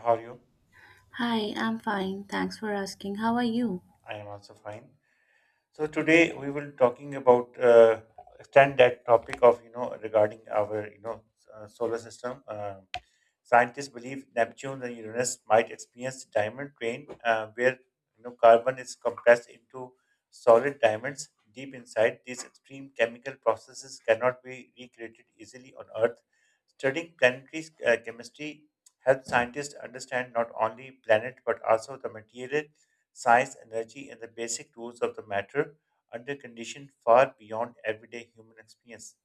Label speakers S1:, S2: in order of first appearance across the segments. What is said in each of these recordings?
S1: How are you?
S2: Hi, I'm fine. Thanks for asking. How are you?
S1: I am also fine. So today we will talking about extend that topic of regarding our solar system. Scientists believe Neptune and Uranus might experience diamond rain, where carbon is compressed into solid diamonds. Deep inside, these extreme chemical processes cannot be recreated easily on Earth. Studying planetary chemistry helps scientists understand not only planet but also the material, science, energy, and the basic rules of the matter under conditions far beyond everyday human experience.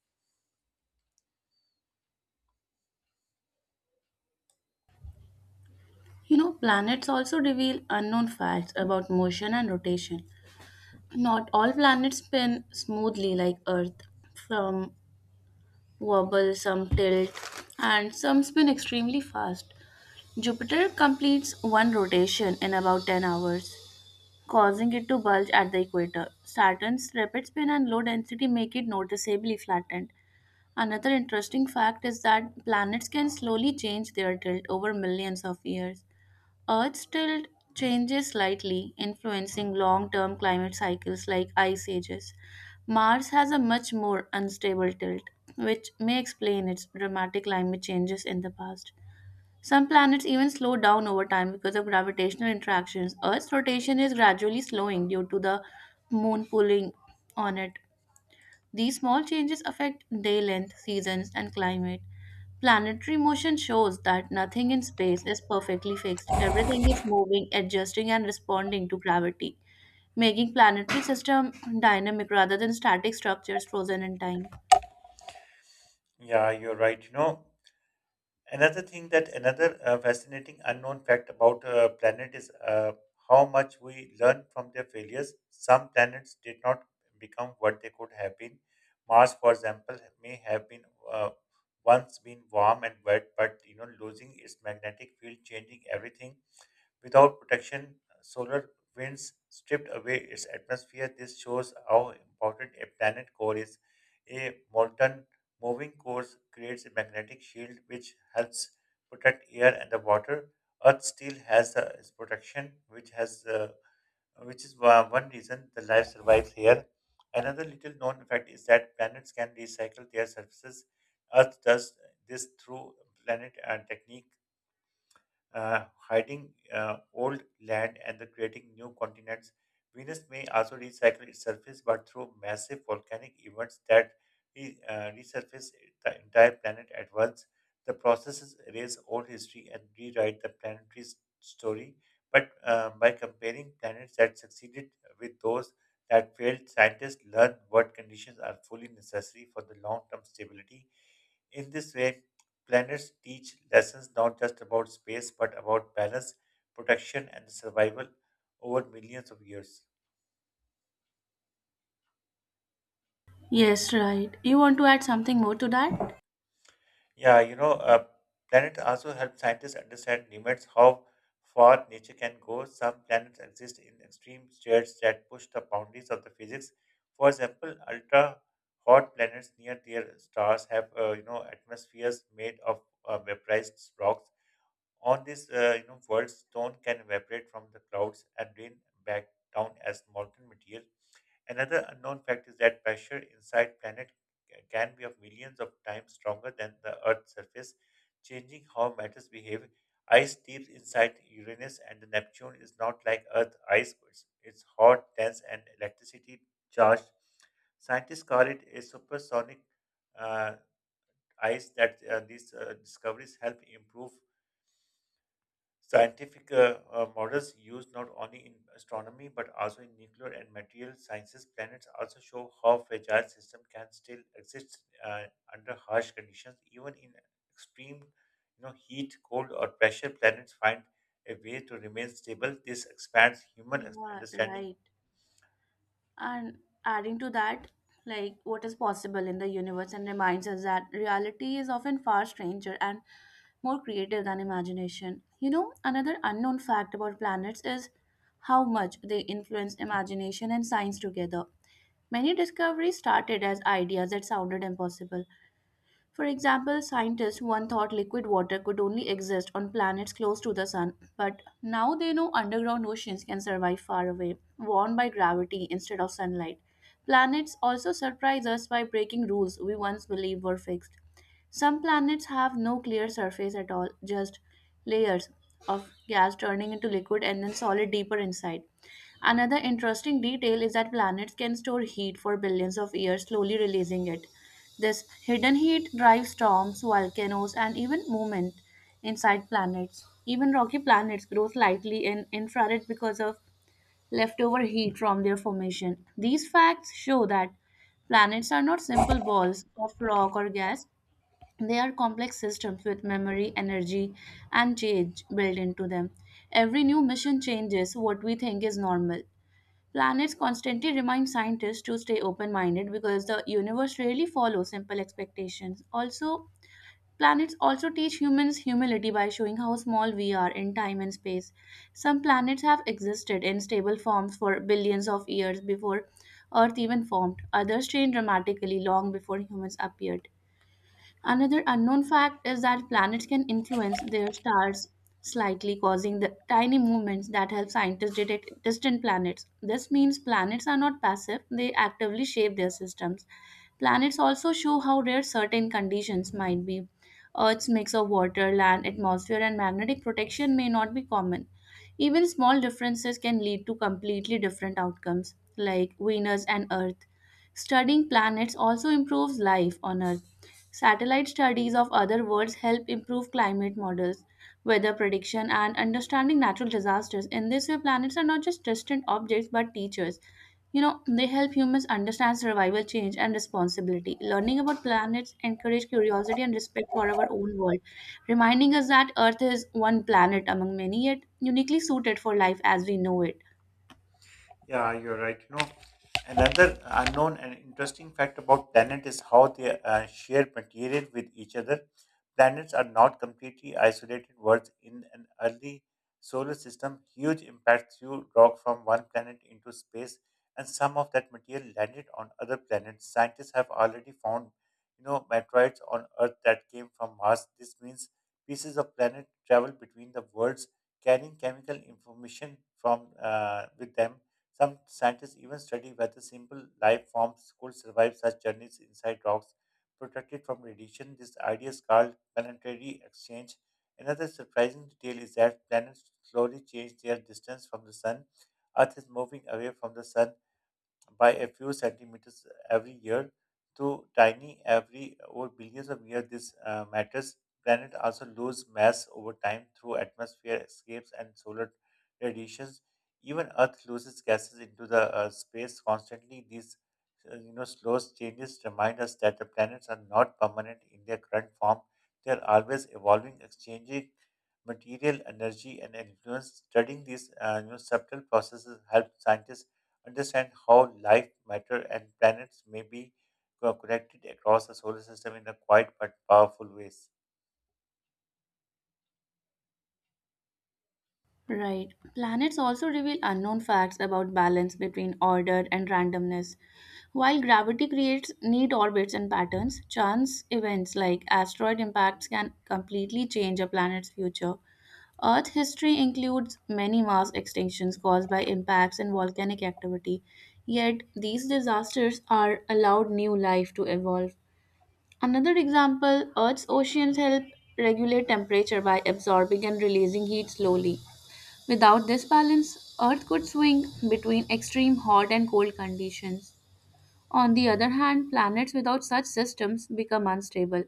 S2: You know, planets also reveal unknown facts about motion and rotation. Not all planets spin smoothly like Earth. Some wobble, some tilt, and some spin extremely fast. Jupiter completes one rotation in about 10 hours, causing it to bulge at the equator. Saturn's rapid spin and low density make it noticeably flattened. Another interesting fact is that planets can slowly change their tilt over millions of years. Earth's tilt changes slightly, influencing long term climate cycles like ice ages. Mars has a much more unstable tilt, which may explain its dramatic climate changes in the past. Some planets even slow down over time because of gravitational interactions. Earth's rotation is gradually slowing due to the moon pulling on it. These small changes affect day length, seasons, and climate. Planetary motion shows that nothing in space is perfectly fixed. Everything is moving, adjusting, and responding to gravity, making planetary system dynamic rather than static structures frozen in time.
S1: Yeah, you're right. You know, Another thing that another fascinating unknown fact about planet is how much we learn from their failures. Some planets did not become what they could have been. Mars, for example, may have been uh, once been warm and wet, but losing its magnetic field, changing everything. Without protection, solar winds stripped away its atmosphere. This shows how important a planet core is. A molten moving core creates a magnetic shield which helps protect air and the water. Earth still has its protection, which has which is one reason the life survives here. Another little known fact is that planets can recycle their surfaces. Earth does this through planet and technique hiding old land and the creating new continents. Venus may also recycle its surface, but through massive volcanic events that resurface the entire planet at once. The processes erase old history and rewrite the planetary's story. But by comparing planets that succeeded with those that failed, scientists learn what conditions are fully necessary for the long term stability. In this way, planets teach lessons not just about space but about balance, protection, and survival over millions of years.
S2: Yes, right. You want to add something more to that?
S1: Yeah, planets also help scientists understand limits, how far nature can go. Some planets exist in extreme states that push the boundaries of the physics. For example, ultra hot planets near their stars have, atmospheres made of vaporized rocks. On this, world stone can evaporate from the clouds and rain back down as molten material. Another unknown fact is that pressure inside planet can be of millions of times stronger than the Earth's surface, changing how matters behave. Ice deep inside Uranus and Neptune is not like Earth ice. It's hot, dense, and electricity charged. Scientists call it a supersonic uh, ice that these discoveries help improve scientific models used not only in astronomy but also in nuclear and material sciences. Planets also show how fragile systems can still exist uh, under harsh conditions, even in extreme, heat, cold, or pressure. Planets find a way to remain stable. This expands human
S2: Yeah,
S1: understanding.
S2: right. And adding to that, like what is possible in the universe and reminds us that reality is often far stranger and more creative than imagination. You know, another unknown fact about planets is how much they influence imagination and science together. Many discoveries started as ideas that sounded impossible, for example, scientists once thought liquid water could only exist on planets close to the sun, but now they know underground oceans can survive far away, warmed by gravity instead of sunlight. Planets also surprise us by breaking rules we once believed were fixed. Some planets have no clear surface at all, just layers of gas turning into liquid and then solid deeper inside. Another interesting detail is that planets can store heat for billions of years, slowly releasing it. This hidden heat drives storms, volcanoes, and even movement inside planets. Even rocky planets grow slightly in infrared because of leftover heat from their formation. These facts show that planets are not simple balls of rock or gas, they are complex systems with memory, energy, and change built into them. Every new mission changes what we think is normal. Planets constantly remind scientists to stay open minded because the universe rarely follows simple expectations. Also, planets also teach humans humility by showing how small we are in time and space. Some planets have existed in stable forms for billions of years before Earth even formed, others changed dramatically long before humans appeared. Another unknown fact is that planets can influence their stars slightly, causing the tiny movements that help scientists detect distant planets. This means planets are not passive, they actively shape their systems. Planets also show how rare certain conditions might be. Earth's mix of water, land, atmosphere, and magnetic protection may not be common. Even small differences can lead to completely different outcomes, like Venus and Earth. Studying planets also improves life on Earth. Satellite studies of other worlds help improve climate models, weather prediction, and understanding natural disasters. In this way, planets are not just distant objects but teachers. You know, they help humans understand survival, change, and responsibility. Learning about planets encourage curiosity and respect for our own world, reminding us that Earth is one planet among many, yet uniquely suited for life as we know it.
S1: Yeah, you're right. You know, another unknown and interesting fact about planets is how they share material with each other. Planets are not completely isolated worlds in an early solar system. Huge impacts threw rock from one planet into space, and some of that material landed on other planets. Scientists have already found, meteorites on Earth that came from Mars. This means pieces of planet travel between the worlds, carrying chemical information from with them. Some scientists even study whether simple life forms could survive such journeys inside rocks, protected from radiation. This idea is called planetary exchange. Another surprising detail is that planets slowly change their distance from the sun. Earth is moving away from the sun by a few centimeters every year, to tiny every over billions of years this matters. Planet also lose mass over time through atmosphere escapes and solar radiations. Even earth loses gases into the space constantly. These slow changes remind us that the planets are not permanent in their current form. They are always evolving, exchanging material, energy, and influence. Studying these subtle processes help scientists understand how life, matter, and planets may be connected across the solar system in a quiet but powerful ways.
S2: Right. Planets also reveal unknown facts about balance between order and randomness. While gravity creates neat orbits and patterns, chance events like asteroid impacts can completely change a planet's future. Earth history includes many mass extinctions caused by impacts and volcanic activity, yet these disasters are allowed new life to evolve. Another example, Earth's oceans help regulate temperature by absorbing and releasing heat slowly. Without this balance, Earth could swing between extreme hot and cold conditions. On the other hand, planets without such systems become unstable.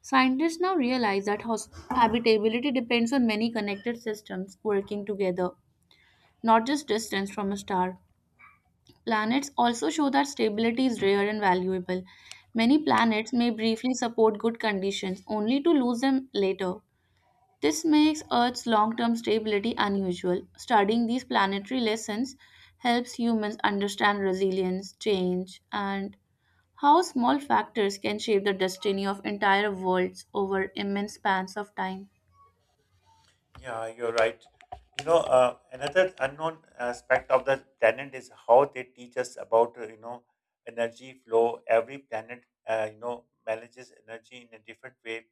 S2: Scientists now realize that habitability depends on many connected systems working together, not just distance from a star. Planets also show that stability is rare and valuable. Many planets may briefly support good conditions only to lose them later. This makes Earth's long term stability unusual. Studying these planetary lessons helps humans understand resilience, change, and how small factors can shape the destiny of entire worlds over immense spans of time.
S1: Yeah, you're right. Another unknown aspect of the planet is how they teach us about, energy flow. Every planet, manages energy in a different way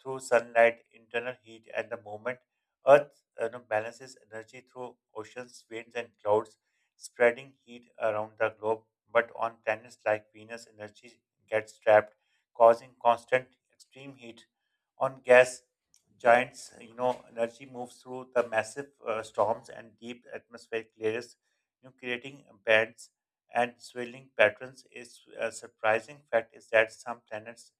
S1: through sunlight, internal heat, and the movement. Earth, balances energy through oceans, winds, and clouds, spreading heat around the globe. But on planets like Venus, energy gets trapped, causing constant extreme heat. On gas giants, energy moves through the massive storms and deep atmospheric layers, creating bands and swirling patterns. Is a surprising fact is that some planets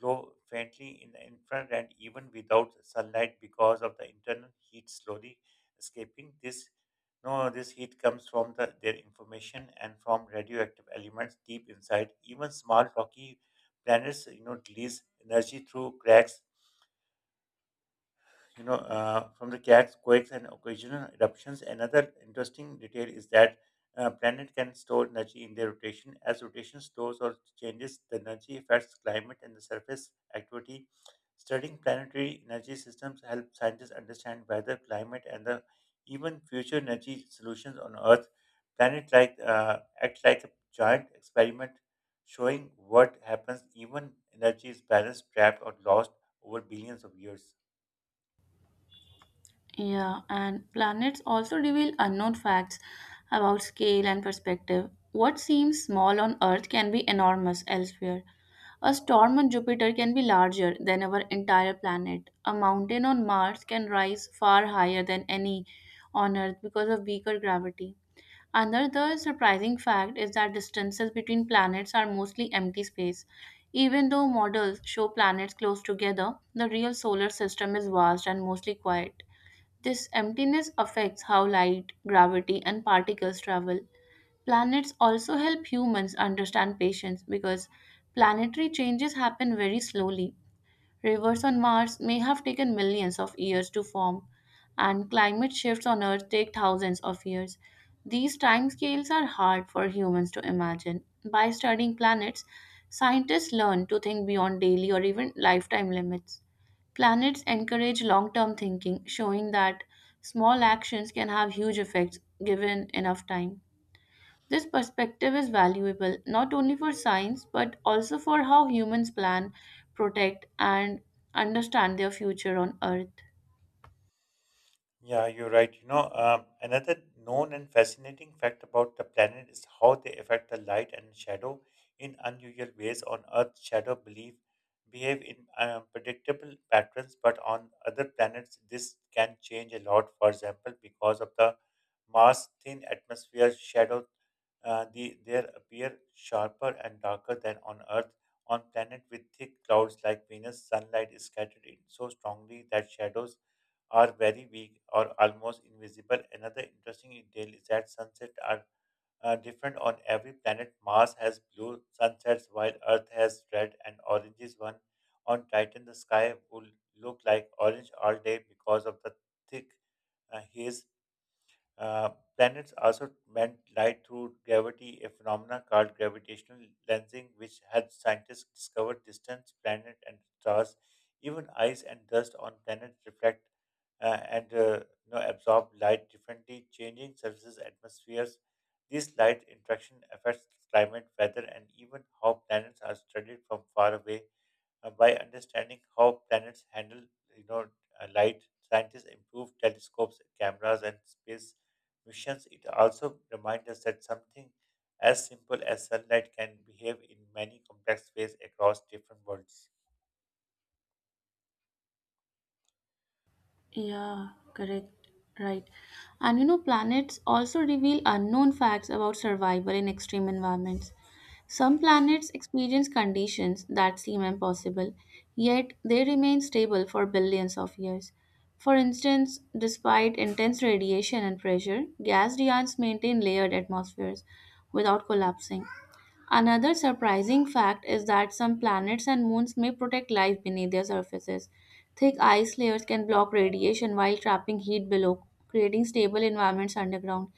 S1: glow faintly in the infrared and even without sunlight because of the internal heat slowly escaping. This no, This heat comes from their information and from radioactive elements deep inside. Even small rocky planets, release energy through cracks, from the cat's quakes and occasional eruptions. Another interesting detail is that planet can store energy in their rotation. As rotation slows or changes, the energy affects climate and the surface activity. Studying planetary energy systems help scientists understand weather, climate, and the even future energy solutions on Earth. Planet like act like a giant experiment, showing what happens even energy is balanced, trapped, or lost over billions of years.
S2: Yeah, and planets also reveal unknown facts about scale and perspective. What seems small on Earth can be enormous elsewhere. A storm on Jupiter can be larger than our entire planet. A mountain on Mars can rise far higher than any on Earth because of weaker gravity. Another surprising fact is that distances between planets are mostly empty space. Even though models show planets close together, the real solar system is vast and mostly quiet. This emptiness affects how light, gravity, and particles travel. Planets also help humans understand patience because planetary changes happen very slowly. Rivers on Mars may have taken millions of years to form, and climate shifts on Earth take thousands of years. These timescales are hard for humans to imagine. By studying planets, scientists learn to think beyond daily or even lifetime limits. Planets encourage long term thinking, showing that small actions can have huge effects given enough time. This perspective is valuable not only for science but also for how humans plan, protect, and understand their future on Earth.
S1: Yeah, you're right. You know, another known and fascinating fact about the planet is how they affect the light and shadow in unusual ways. On Earth, shadow belief behave in predictable patterns, but on other planets, this can change a lot. For example, because of the Mars thin atmosphere, there appear sharper and darker than on Earth. On planet with thick clouds like Venus, sunlight is scattered in so strongly that shadows are very weak or almost invisible. Another interesting detail is that sunsets are different on every planet. Mars has blue sunsets while Earth has red and oranges one. On Titan, the sky will look like orange all day because of the thick haze. uh, Planets also bend light through gravity, a phenomenon called gravitational lensing, which helps scientists discover distant planets and stars. Even ice and dust on planets reflect and absorb light differently, changing surfaces, atmospheres. This light interaction affects climate, weather, and even how planets are studied from far away. By understanding how planets handle, you know, light, scientists improved telescopes, cameras, and space missions. It also reminds us that something as simple as sunlight can behave in many complex ways across different worlds.
S2: Yeah, correct. Right. And you know, planets also reveal unknown facts about survival in extreme environments. Some planets experience conditions that seem impossible, yet they remain stable for billions of years. For instance, despite intense radiation and pressure, gas giants maintain layered atmospheres without collapsing. Another surprising fact is that some planets and moons may protect life beneath their surfaces. Thick ice layers can block radiation while trapping heat below, creating stable environments underground.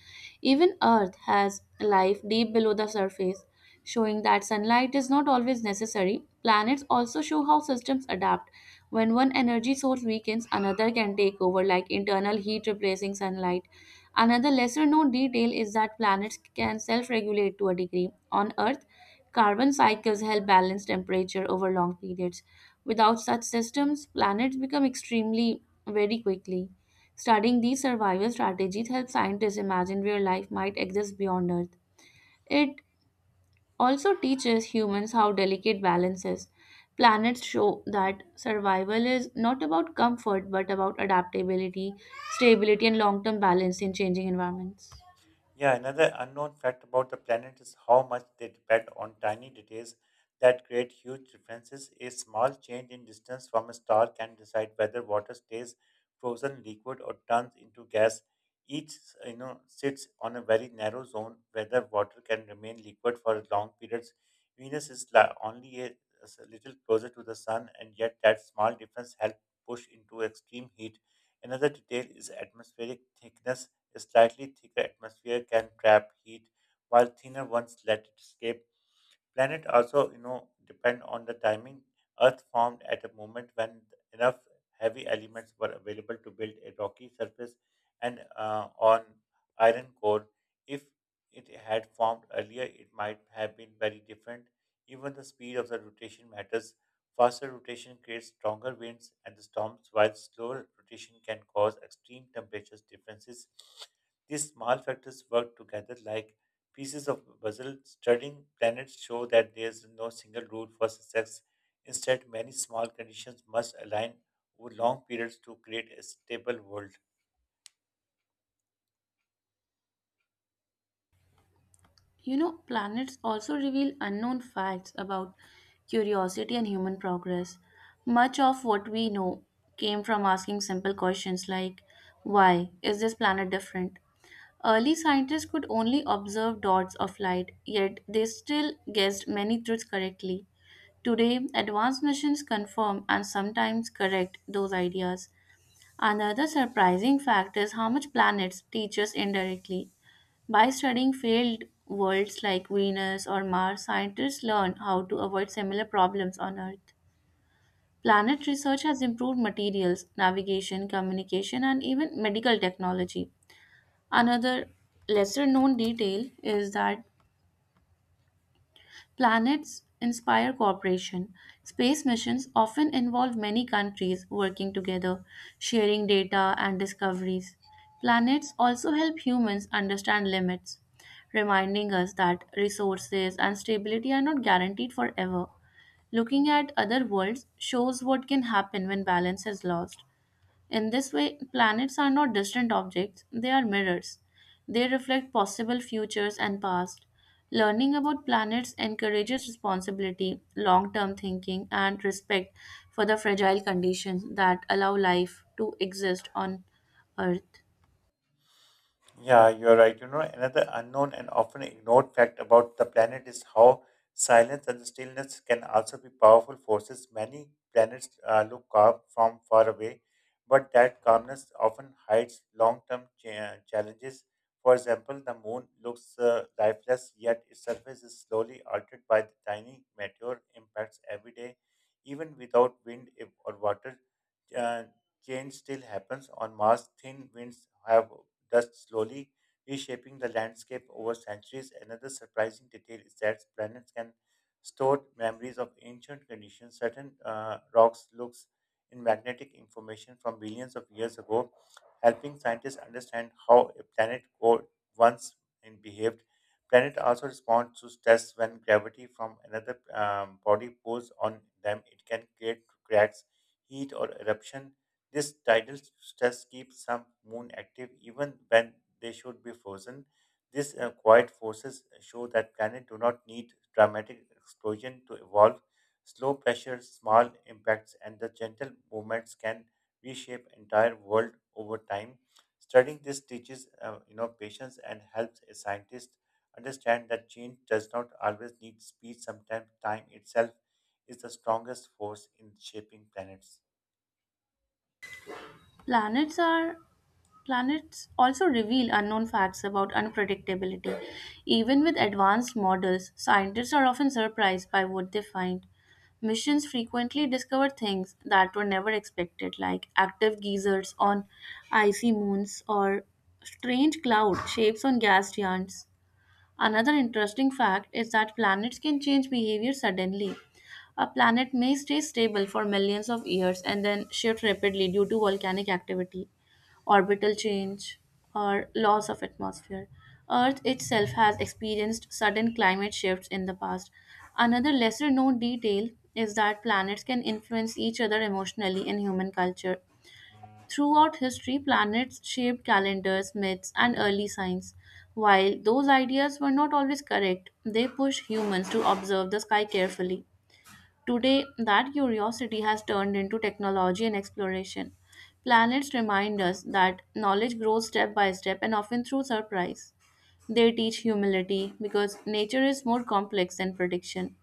S2: Even Earth has life deep below the surface, showing that sunlight is not always necessary. Planets also show how systems adapt. When one energy source weakens, another can take over, like internal heat replacing sunlight. Another lesser known detail is that planets can self regulate to a degree. On Earth, carbon cycles help balance temperature over long periods. Without such systems, planets become extremely very quickly. Studying these survival strategies helps scientists imagine where life might exist beyond Earth. It also teaches humans how delicate balance is. Planets show that survival is not about comfort but about adaptability, stability, and long term balance in changing environments.
S1: Yeah, another unknown fact about the planet is how much they depend on tiny details that create huge differences. A small change in distance from a star can decide whether water stays frozen liquid or turns into gas. Each, sits on a very narrow zone whether water can remain liquid for long periods. Venus is only a little closer to the sun, and yet that small difference helps push into extreme heat. Another detail is atmospheric thickness. A slightly thicker atmosphere can trap heat, while thinner ones let it escape. Planet also, depend on the timing. Earth formed at a moment when enough heavy elements were available to build a rocky surface and on iron core. If it had formed earlier, it might have been very different. Even the speed of the rotation matters. Faster rotation creates stronger winds and storms, while slower rotation can cause extreme temperature differences. These small factors work together like pieces of puzzle. Studying planets show that there is no single rule for success. Instead, many small conditions must align over long periods to create a stable world.
S2: You know, planets also reveal unknown facts about curiosity and human progress. Much of what we know came from asking simple questions like, why is this planet different? Early scientists could only observe dots of light, yet they still guessed many truths correctly. Today, advanced missions confirm and sometimes correct those ideas. Another surprising fact is how much planets teach us indirectly. By studying failed worlds like Venus or Mars, scientists learn how to avoid similar problems on Earth. Planet research has improved materials, navigation, communication, and even medical technology. Another lesser known detail is that planets inspire cooperation. Space missions often involve many countries working together, sharing data and discoveries. Planets also help humans understand limits, reminding us that resources and stability are not guaranteed forever. Looking at other worlds shows what can happen when balance is lost. In this way, planets are not distant objects, they are mirrors. They reflect possible futures and past. Learning about planets encourages responsibility, long term thinking, and respect for the fragile conditions that allow life to exist on Earth.
S1: Yeah, you're right. You know, another unknown and often ignored fact about the planet is how silence and stillness can also be powerful forces. Many planets look calm from far away, but that calmness often hides long term challenges. For example, the moon looks lifeless, yet its surface is slowly altered by the tiny meteor impacts every day, even without wind or water. uh, Change still happens. On Mars, thin winds have dust slowly reshaping the landscape over centuries. Another surprising detail is that planets can store memories of ancient conditions. Certain rocks looks in magnetic information from billions of years ago, helping scientists understand how a planet core once and behaved. Planet also responds to stress. When gravity from another body pulls on them, it can create cracks, heat, or eruption. This tidal stress keeps some moon active even when they should be frozen. These quiet forces show that planets do not need dramatic explosion to evolve. Slow pressure, small impacts, and the gentle movements can reshape entire world over time. Studying this teaches, patience and helps a scientist understand that change does not always need speed. Sometimes time itself is the strongest force in shaping planets.
S2: Planets are Planets also reveal unknown facts about unpredictability. Even with advanced models, scientists are often surprised by what they find. Missions frequently discover things that were never expected, like active geysers on icy moons or strange cloud shapes on gas giants. Another interesting fact is that planets can change behavior suddenly. A planet may stay stable for millions of years and then shift rapidly due to volcanic activity, orbital change, or loss of atmosphere. Earth itself has experienced sudden climate shifts in the past. Another lesser known detail is that planets can influence each other emotionally in human culture. Throughout history, planets shaped calendars, myths, and early science. While those ideas were not always correct, they pushed humans to observe the sky carefully. Today, that curiosity has turned into technology and exploration. Planets remind us that knowledge grows step by step and often through surprise. They teach humility because nature is more complex than prediction.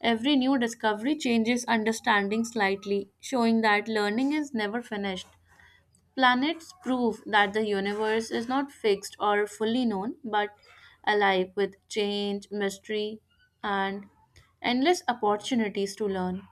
S2: Every new discovery changes understanding slightly, showing that learning is never finished. Planets prove that the universe is not fixed or fully known, but alive with change, mystery, and endless opportunities to learn.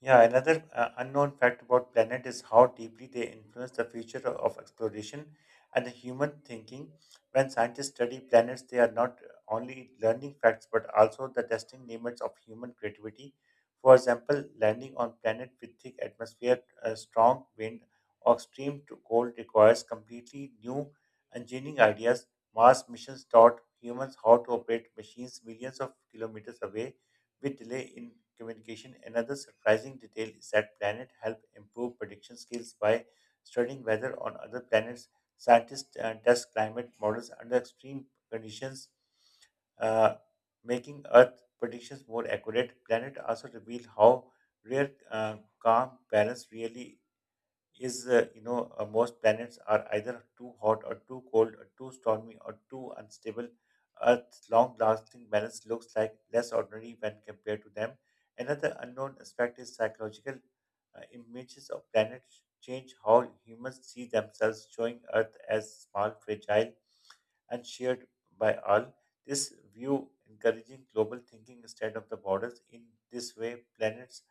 S1: Yeah, another unknown fact about planet is how deeply they influence the future of exploration and the human thinking. When scientists study planets, they are not only learning facts but also the testing limits of human creativity. For example, landing on planet with thick atmosphere, strong wind, or extreme to cold requires completely new engineering ideas. Mars missions taught humans how to operate machines millions of kilometers away with delay in communication. Another surprising detail is that planets help improve prediction skills by studying weather on other planets. Scientists test climate models under extreme conditions, uh, making Earth predictions more accurate. Planet also reveal how rare calm balance really is, most planets are either too hot or too cold or too stormy or too unstable. Earth's long lasting balance looks like less ordinary when compared to them. Another unknown aspect is psychological. Images of planets change how humans see themselves, showing earth as small, fragile, and shared by all. This view encouraging global thinking instead of the borders. In this way, planets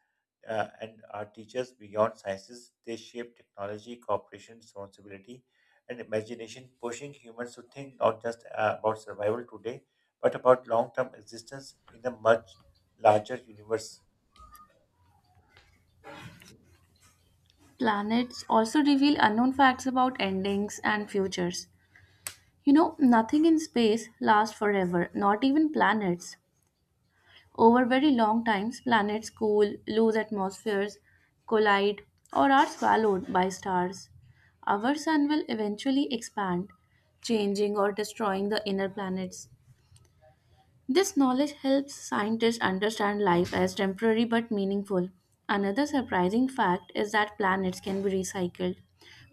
S1: and our teachers beyond sciences, they shape technology, cooperation, responsibility, and imagination, pushing humans to think not just about survival today, but about long-term existence in a much larger universe.
S2: Planets also reveal unknown facts about endings and futures. You know, nothing in space lasts forever, not even planets. Over very long times, planets cool, lose atmospheres, collide, or are swallowed by stars. Our sun will eventually expand, changing or destroying the inner planets. This knowledge helps scientists understand life as temporary but meaningful. Another surprising fact is that planets can be recycled.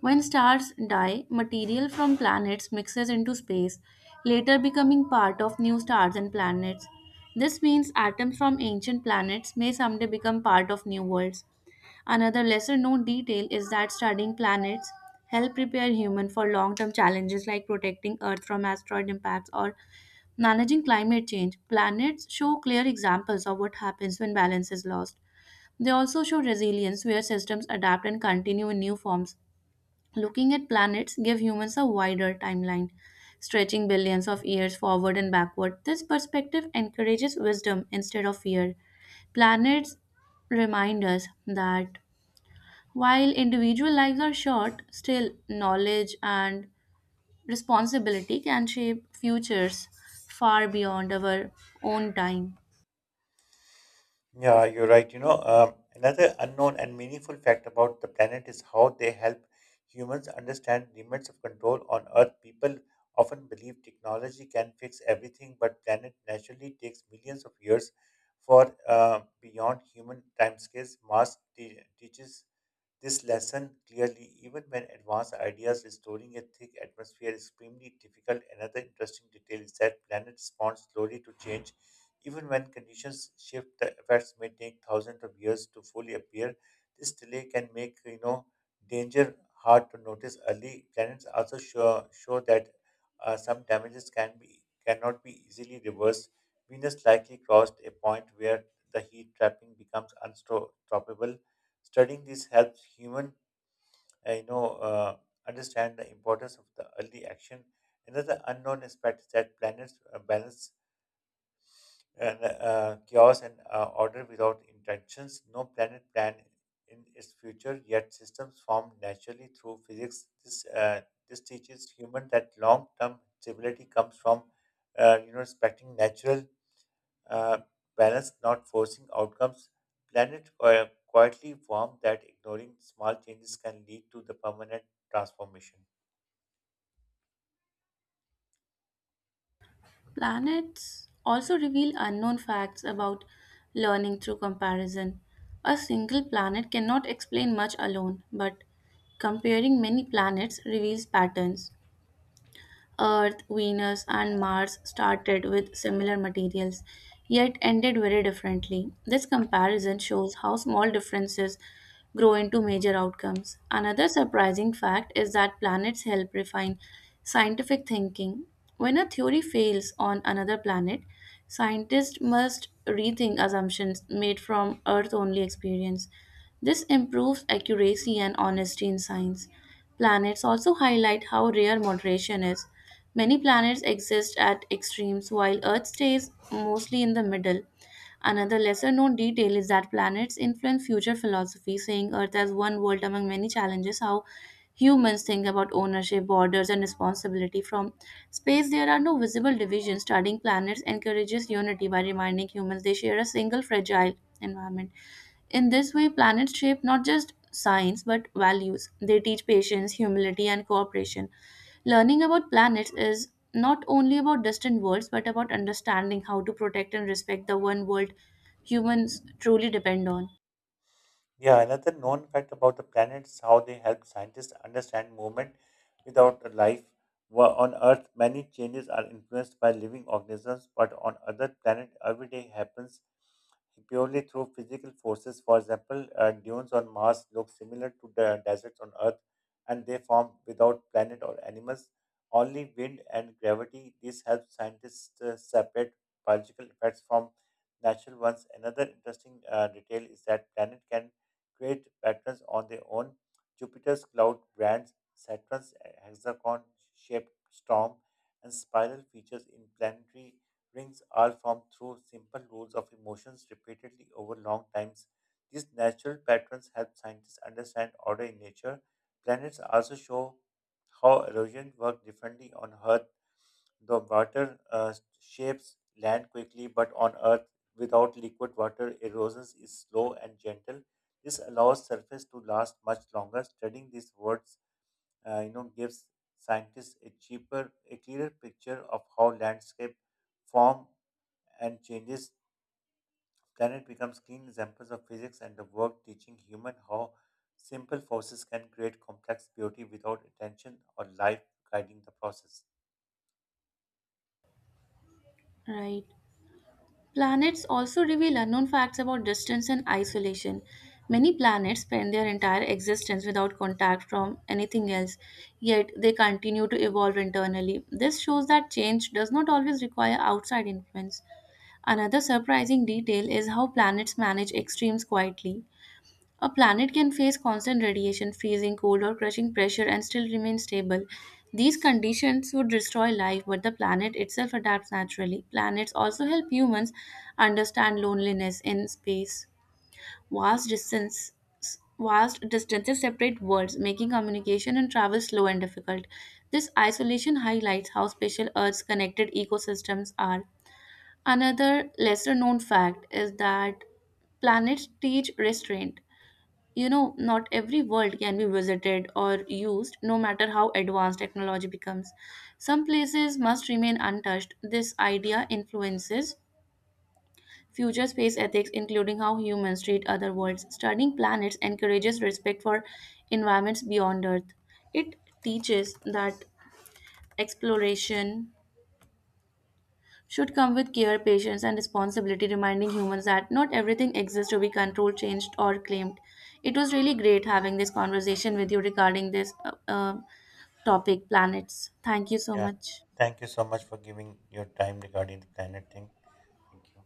S2: When stars die, material from planets mixes into space, later becoming part of new stars and planets. This means atoms from ancient planets may someday become part of new worlds. Another lesser known detail is that studying planets help prepare humans for long-term challenges like protecting earth from asteroid impacts or managing climate change. Planets show clear examples of what happens when balance is lost. They also show resilience where systems adapt and continue in new forms. Looking at planets give humans a wider timeline, stretching billions of years forward and backward. This perspective encourages wisdom instead of fear. Planets remind us that while individual lives are short, still knowledge and responsibility can shape futures far beyond our own time.
S1: Yeah, you're right. Another unknown and meaningful fact about the planet is how they help humans understand limits of control on Earth. People often believe technology can fix everything, but planet naturally takes millions of years for, beyond human timescales. Mars teaches this lesson clearly, even when advanced ideas restoring a thick atmosphere is extremely difficult. Another interesting detail is that planet responds slowly to change. Even when conditions shift, the effects may take thousands of years to fully appear. This delay can make, danger hard to notice early. Planets also show that some damages cannot be easily reversed. Venus likely crossed a point where the heat trapping becomes unstoppable. Studying this helps human, uh, you know, uh, understand the importance of the early action. Another unknown aspect is that planets balance and chaos and order without intentions. No planet planned in its future, yet systems formed naturally through physics. This teaches human that long-term stability comes from, respecting natural uh, balance, not forcing outcomes. Planet quietly warm that ignoring small changes can lead to the permanent transformation.
S2: Planets also reveal unknown facts about learning through comparison. A single planet cannot explain much alone, but comparing many planets reveals patterns. Earth, Venus, and Mars started with similar materials, yet ended very differently. This comparison shows how small differences grow into major outcomes. Another surprising fact is that planets help refine scientific thinking. When a theory fails on another planet, scientists must rethink assumptions made from Earth only experience. This improves accuracy and honesty in science. Planets also highlight how rare moderation is. Many planets exist at extremes while Earth stays mostly in the middle. Another lesser known detail is that planets influence future philosophy, saying Earth as one world among many challenges how humans think about ownership, borders, and responsibility. From space, there are no visible divisions. Studying planets encourages unity by reminding humans they share a single fragile environment. In this way, planets shape not just science but values. They teach patience, humility, and cooperation. Learning about planets is not only about distant worlds but about understanding how to protect and respect the one world humans truly depend on.
S1: Yeah, another known fact about the planet is how they help scientists understand movement without a life. On Earth, many changes are influenced by living organisms, but on other planet, every day happens purely through physical forces. For example, dunes on Mars look similar to the deserts on Earth, and they form without planet or animals, only wind and gravity. This helps scientists separate biological effects from natural ones. Another interesting detail is that planet can create patterns on their own. Jupiter's cloud brands, Saturn's hexagon shaped storm, and spiral features in planetary rings are formed through simple rules of emotions repeatedly over long times. These natural patterns help scientists understand order in nature. Planets also show how erosion works differently on Earth. The water shapes land quickly, but on Earth, without liquid water, erosion is slow and gentle. This allows surface to last much longer. Studying these words, gives scientists a cheaper, a clearer picture of how landscape form and changes. Planet becomes clean examples of physics and the work, teaching human how simple forces can create complex beauty without attention or life guiding the process.
S2: Right. Planets also reveal unknown facts about distance and isolation. Many planets spend their entire existence without contact from anything else, yet they continue to evolve internally. This shows that change does not always require outside influence. Another surprising detail is how planets manage extremes quietly. A planet can face constant radiation, freezing cold, or crushing pressure and still remain stable. These conditions would destroy life, but the planet itself adapts naturally. Planets also help humans understand loneliness in space. Vast distance Vast distances separate worlds, making communication and travel slow and difficult. This isolation highlights how special Earth's connected ecosystems are. Another lesser known fact is that planets teach restraint. You know, not every world can be visited or used, no matter how advanced technology becomes. Some places must remain untouched. This idea influences future space ethics, including how humans treat other worlds. Studying planets encourages respect for environments beyond Earth. It teaches that exploration should come with care, patience, and responsibility, reminding humans that not everything exists to be controlled, changed, or claimed. It was really great having this conversation with you regarding this topic, planets. Thank you so
S1: Yeah.
S2: much.
S1: Thank you so much for giving your time regarding the planet thing. Thank you.